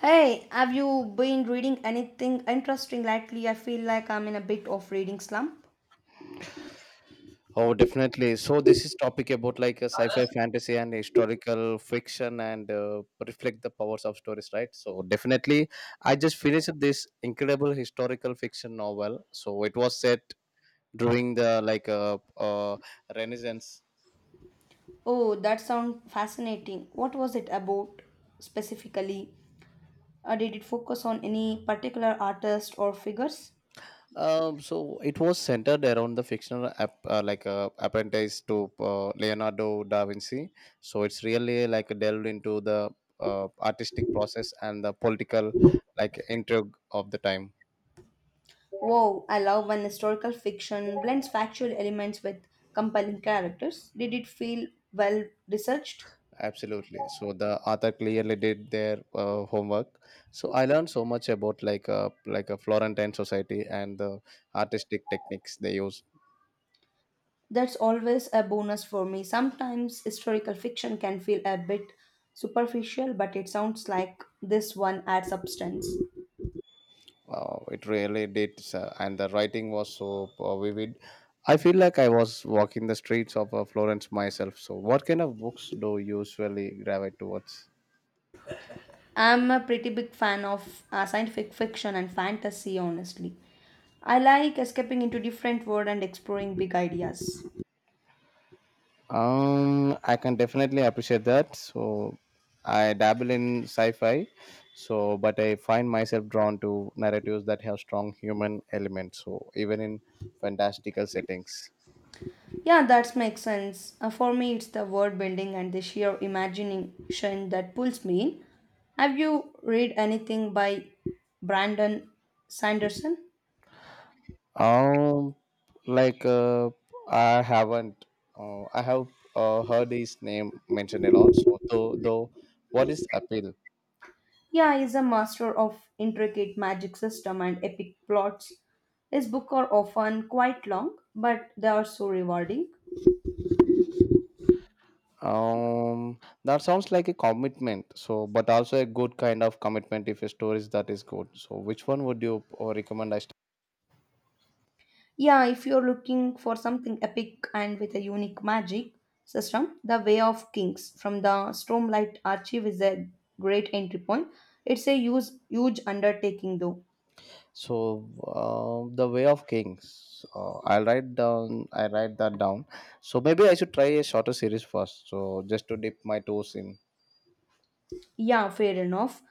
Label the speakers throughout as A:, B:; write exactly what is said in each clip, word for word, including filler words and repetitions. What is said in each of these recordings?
A: Hey, have you been reading anything interesting lately? I feel like I'm in a bit of reading slump.
B: Oh, definitely. So this is topic about like a sci-fi, fantasy, and historical fiction, and uh, reflect the powers of stories, right? So definitely, I just finished this incredible historical fiction novel. So it was set during the like uh, uh, Renaissance.
A: Oh, that sounds fascinating. What was it about specifically? Uh, did it focus on any particular artist or figures?
B: Um, so it was centered around the fictional app, uh, like uh, apprentice to uh, Leonardo da Vinci. So it's really like delved into the uh, artistic process and the political like intrigue of the time.
A: Wow, I love when historical fiction blends factual elements with compelling characters. Did it feel well researched?
B: Absolutely. So the author clearly did their uh, homework. So I learned so much about like a like a Florentine society and the artistic techniques they use.
A: That's always a bonus for me. Sometimes historical fiction can feel a bit superficial, but it sounds like this one adds substance.
B: Uh, it really did, sir. And the writing was so uh, vivid. I feel like I was walking the streets of uh, Florence myself. So, what kind of books do you usually gravitate towards?
A: I'm a pretty big fan of uh, scientific fiction and fantasy, honestly. I like escaping into different world and exploring big ideas.
B: Um, I can definitely appreciate that. So, I dabble in sci-fi, so but I find myself drawn to narratives that have strong human elements. So, even in fantastical settings,
A: Yeah, that makes sense. Uh, for me, it's the world building and the sheer imagination that pulls me in. Have you read anything by Brandon Sanderson?
B: um, like uh, I haven't, uh, I have uh, heard his name mentioned a lot. So, though, though, what is appeal?
A: Yeah, is a master of intricate magic system and epic plots. His books are often quite long, but they are so rewarding.
B: Um, that sounds like a commitment. So, but also a good kind of commitment if a story is that is good. So, which one would you uh, recommend? I start?
A: Yeah, if you're looking for something epic and with a unique magic system, The Way of Kings from the Stormlight Archive is a great entry point. It's a huge, huge undertaking though.
B: So, uh, the Way of Kings. Uh, I'll write down. I write that down. So maybe I should try a shorter series first. So just to dip my toes in.
A: Yeah, fair enough.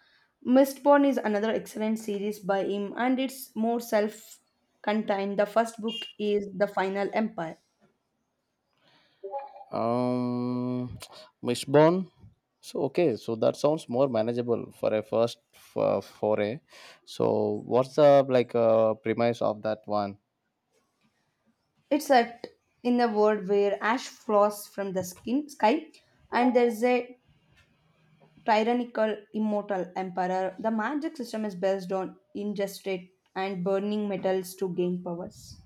A: Mistborn is another excellent series by him and it's more self contained. The first book is The Final Empire.
B: Um, Mishbone. So okay. So that sounds more manageable for a first uh, foray. So what's the like uh, premise of that one?
A: It's set in a world where ash falls from the skin sky, and there's a tyrannical immortal emperor. The magic system is based on ingested and burning metals to gain powers.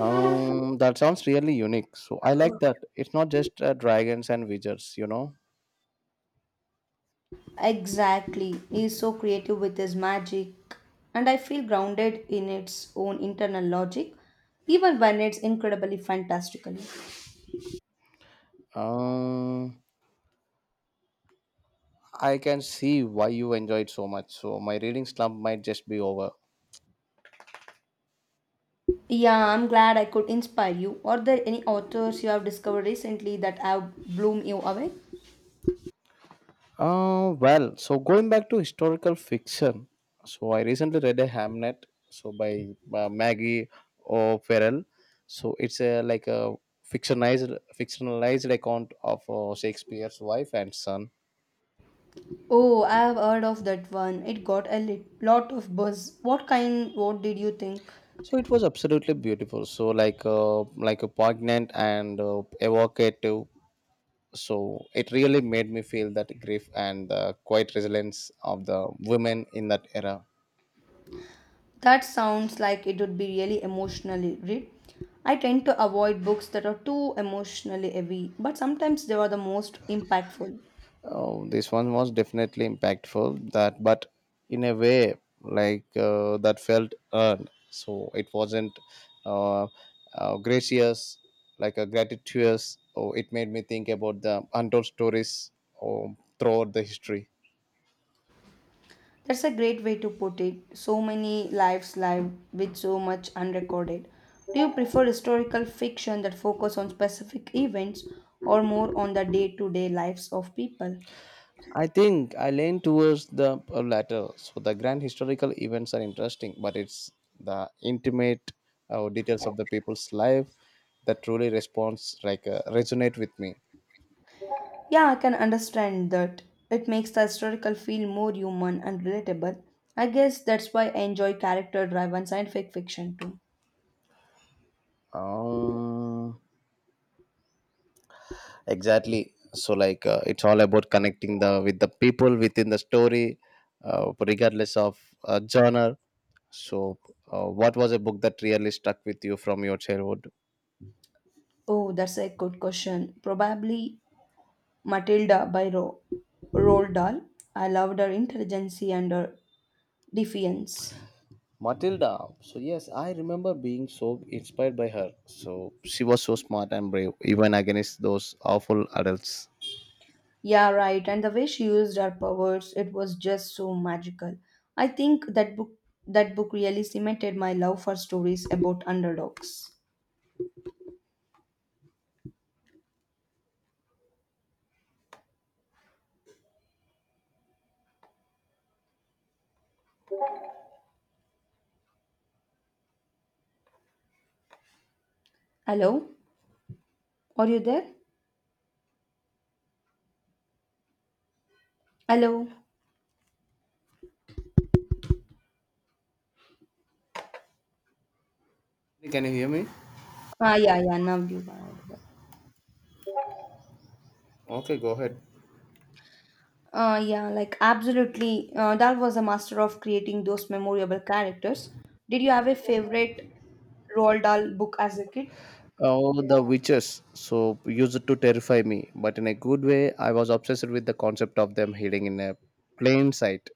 B: Um, that sounds really unique. So I like that. It's not just uh, dragons and wizards, you know.
A: Exactly, he's so creative with his magic, and I feel grounded in its own internal logic, even when it's incredibly fantastical.
B: Um, I can see why you enjoyed so much. So my reading slump might just be over.
A: Yeah, I'm glad I could inspire you. Are there any authors you have discovered recently that have blown you away?
B: Uh, well, so going back to historical fiction. So I recently read a Hamnet, so by uh, Maggie O'Farrell. So it's a like a fictionalized fictionalized account of uh, Shakespeare's wife and son.
A: Oh, I have heard of that one. It got a lit- lot of buzz. What kind, what did you think?
B: So it was absolutely beautiful, so like uh, like a poignant and uh, evocative. So it really made me feel that grief and the quiet resilience of the women in that era.
A: That sounds like it would be really emotionally read. I tend to avoid books that are too emotionally heavy, but sometimes they are the most impactful.
B: Oh, this one was definitely impactful that but in a way like uh, that felt earned. So it wasn't uh, uh, gracious, like a gratuitous, or it made me think about the untold stories or throughout the history.
A: That's a great way to put it. So many lives lived with so much unrecorded. Do you prefer historical fiction that focus on specific events or more on the day-to-day lives of people?
B: I think I lean towards the uh, latter. So the grand historical events are interesting, but it's the intimate uh, details of the people's life that truly responds like uh, resonate with me.
A: Yeah, I can understand that. It makes the historical feel more human and relatable. I guess that's why I enjoy character driven scientific fiction too.
B: Um, exactly. So like uh, it's all about connecting the with the people within the story, uh, regardless of uh, genre. So, uh, what was a book that really stuck with you from your childhood?
A: Oh, that's a good question. Probably Matilda by Ro- Roald Dahl. I loved her intelligence and her defiance.
B: Matilda. So yes, I remember being so inspired by her. So she was so smart and brave, even against those awful adults.
A: Yeah, right. And the way she used her powers, it was just so magical. I think that book that book really cemented my love for stories about underdogs. Hello? Are you there? Hello?
B: Can you hear me?
A: Ah, yeah, yeah, now you got it.
B: Okay, go ahead.
A: Uh, yeah, like absolutely. Uh, Dal was a master of creating those memorable characters. Did you have a favorite Roald Dahl book as a kid?
B: Oh, the witches. So used to terrify me, but in a good way. I was obsessed with the concept of them hiding in a plain sight.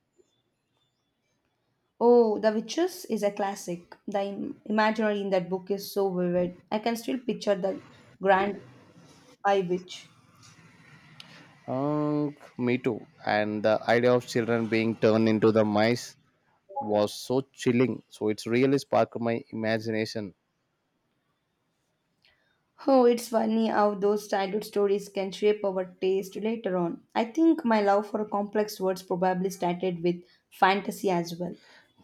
A: Oh, The Witches is a classic. The im- imaginary in that book is so vivid. I can still picture the grand eye witch.
B: Um, me too. And the idea of children being turned into the mice was so chilling. So it's really sparked my imagination.
A: Oh, it's funny how those childhood stories can shape our taste later on. I think my love for complex words probably started with fantasy as well.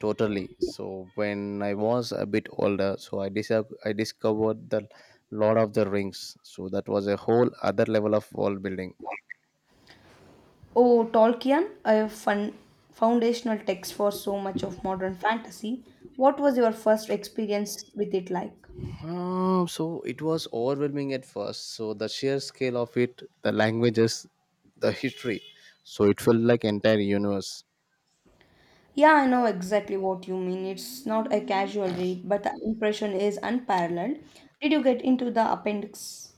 B: Totally. So when I was a bit older, so I dis- I discovered the Lord of the Rings. So that was a whole other level of world building.
A: Oh, Tolkien, a fun, foundational text for so much of modern fantasy. What was your first experience with it like?
B: Uh, so it was overwhelming at first. So the sheer scale of it, the languages, the history. So it felt like entire universe.
A: Yeah, I know exactly what you mean. It's not a casual read, but the impression is unparalleled. Did you get into the appendix?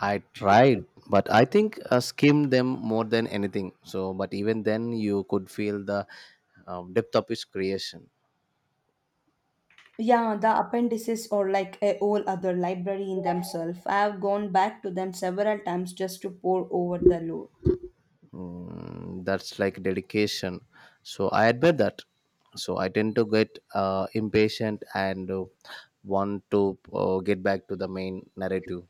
B: I tried, but I think I skimmed them more than anything. So, but even then, you could feel the um, depth of its creation.
A: Yeah, the appendices are like a whole other library in themselves. I have gone back to them several times just to pore over the lore.
B: Mm, that's like dedication. So I admire that. So I tend to get uh, impatient and uh, want to uh, get back to the main narrative.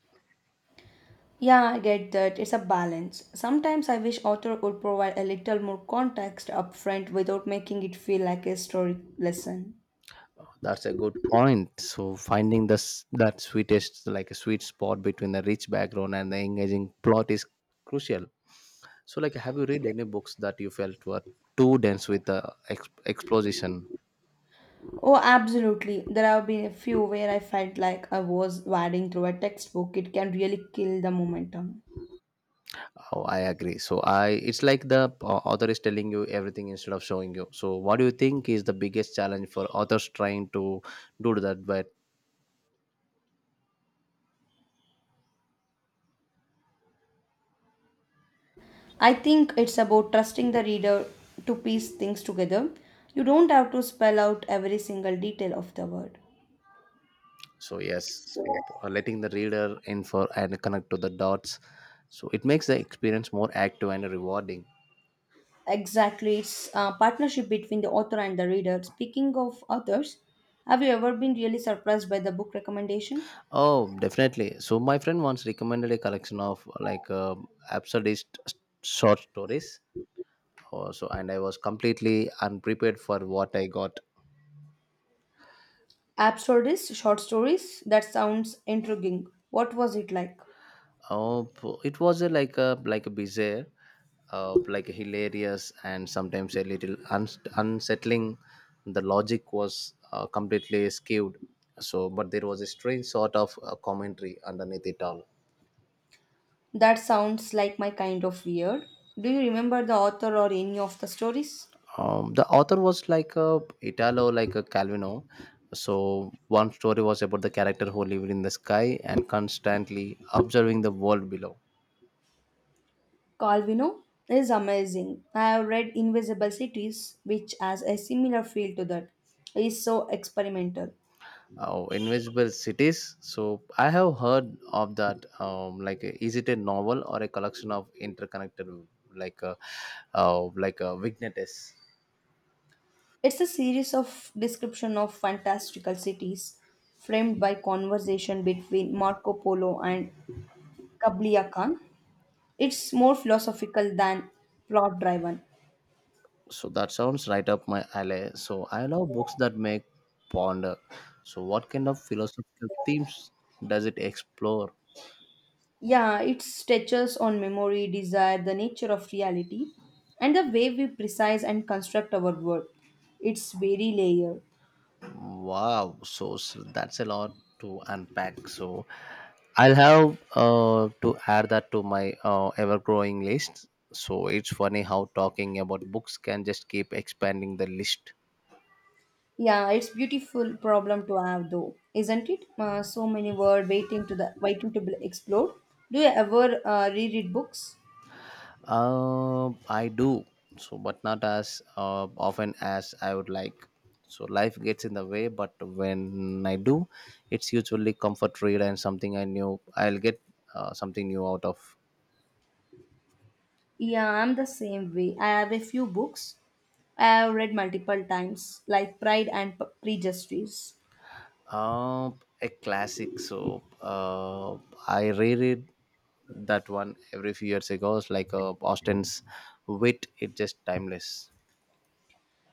A: Yeah, I get that. It's a balance. Sometimes I wish author would provide a little more context upfront without making it feel like a story lesson.
B: That's a good point. So finding this that sweetest like a sweet spot between the rich background and the engaging plot is crucial. So like, have you read any books that you felt were too dense with the ex- exposition?
A: Oh, absolutely. There have been a few where I felt like I was wading through a textbook. It can really kill the momentum.
B: Oh, I agree. So I, it's like the uh, author is telling you everything instead of showing you. So what do you think is the biggest challenge for authors trying to do that? But
A: I think it's about trusting the reader to piece things together. You don't have to spell out every single detail of the word.
B: so yes, so uh, letting the reader in for and connect to the dots. So it makes the experience more active and rewarding.
A: Exactly, it's a partnership between the author and the reader. Speaking of authors, have you ever been really surprised by the book recommendation?
B: Oh, definitely. So my friend once recommended a collection of uh, like uh, absurdist s- short stories. Oh, so and I was completely unprepared for what I got.
A: Absurdist short stories? That sounds intriguing. What was it like?
B: Oh, po- it was a, like a like a bizarre, uh, like a hilarious and sometimes a little uns unsettling. The logic was uh, completely skewed. So, but there was a strange sort of uh, commentary underneath it all.
A: That sounds like my kind of weird. Do you remember the author or any of the stories?
B: Um, the author was like a Italo, like a Calvino. So one story was about the character who lived in the sky and constantly observing the world below.
A: Calvino is amazing. I have read Invisible Cities, which has a similar feel to that. It is so experimental.
B: Oh, Invisible Cities. So I have heard of that. Um, like, uh, is it a novel or a collection of interconnected, like, uh, uh, like uh, vignettes?
A: It's a series of description of fantastical cities framed by conversation between Marco Polo and Kabliya Khan. It's more philosophical than plot driven.
B: So that sounds right up my alley. So I love books that make ponder. So what kind of philosophical themes does it explore?
A: Yeah, it stretches on memory, desire, the nature of reality, and the way we precise and construct our world. It's very layered.
B: Wow, so, so that's a lot to unpack. So I'll have uh, to add that to my uh, ever growing list. So it's funny how talking about books can just keep expanding the list.
A: Yeah, it's beautiful problem to have though, isn't it? Uh, so many words waiting to the waiting to be explored. Do you ever uh, reread books?
B: Uh, I do, so but not as uh, often as I would like. So life gets in the way, but when I do, it's usually comfort read and something I knew I'll get uh, something new out of.
A: Yeah, I'm the same way. I have a few books I have read multiple times, like Pride and P- Prejudice.
B: Uh, a classic. So uh, I reread that one every few years ago. It's like uh, Austin's wit. It's just timeless.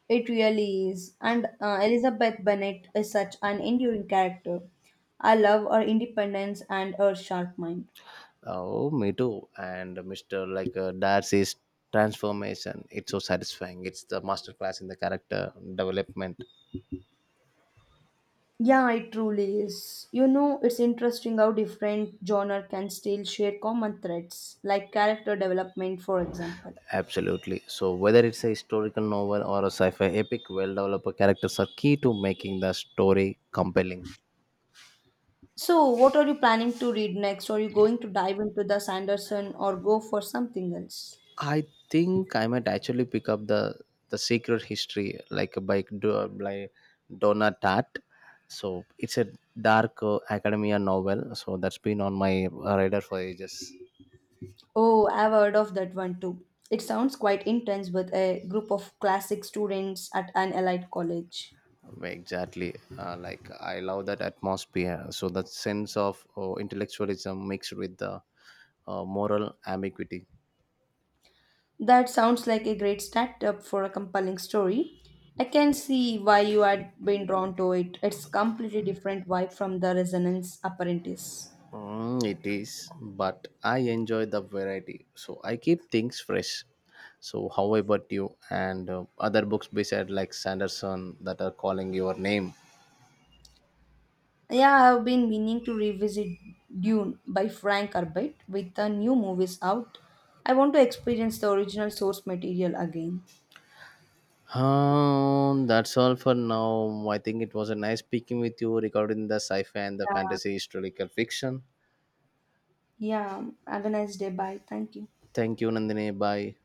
A: It really is. And uh, Elizabeth Bennet is such an enduring character. I love her independence and her sharp mind.
B: Oh, me too. And Mister like uh, Darcy's transformation. It's so satisfying. It's the masterclass in the character development.
A: Yeah, it truly is. You know, it's interesting how different genre can still share common threads, like character development, for example.
B: Absolutely. So whether it's a historical novel or a sci-fi epic, well-developed characters are key to making the story compelling.
A: So, what are you planning to read next? Are you going to dive into the Sanderson or go for something else?
B: I think I might actually pick up the the Secret History like by Do- by Donna Tartt. So it's a dark uh, academia novel. So that's been on my uh, radar for ages.
A: Oh, I've heard of that one too. It sounds quite intense with a group of classic students at an elite college.
B: Exactly, uh, like I love that atmosphere. So that sense of uh, intellectualism mixed with the uh, moral ambiguity.
A: That sounds like a great startup for a compelling story. I can see why you had been drawn to it. It's completely different vibe from the Resonance Apprentice.
B: Mm, it is, but I enjoy the variety, so I keep things fresh. So, how about you and uh, other books beside like Sanderson that are calling your name?
A: Yeah, I have been meaning to revisit Dune by Frank Herbert with the new movies out. I want to experience the original source material again.
B: Um, that's all for now. I think it was a nice speaking with you regarding the sci-fi and the
A: Yeah,
B: fantasy historical fiction.
A: yeah. Have a nice day. Bye. Thank you.
B: Thank you, Nandini. Bye.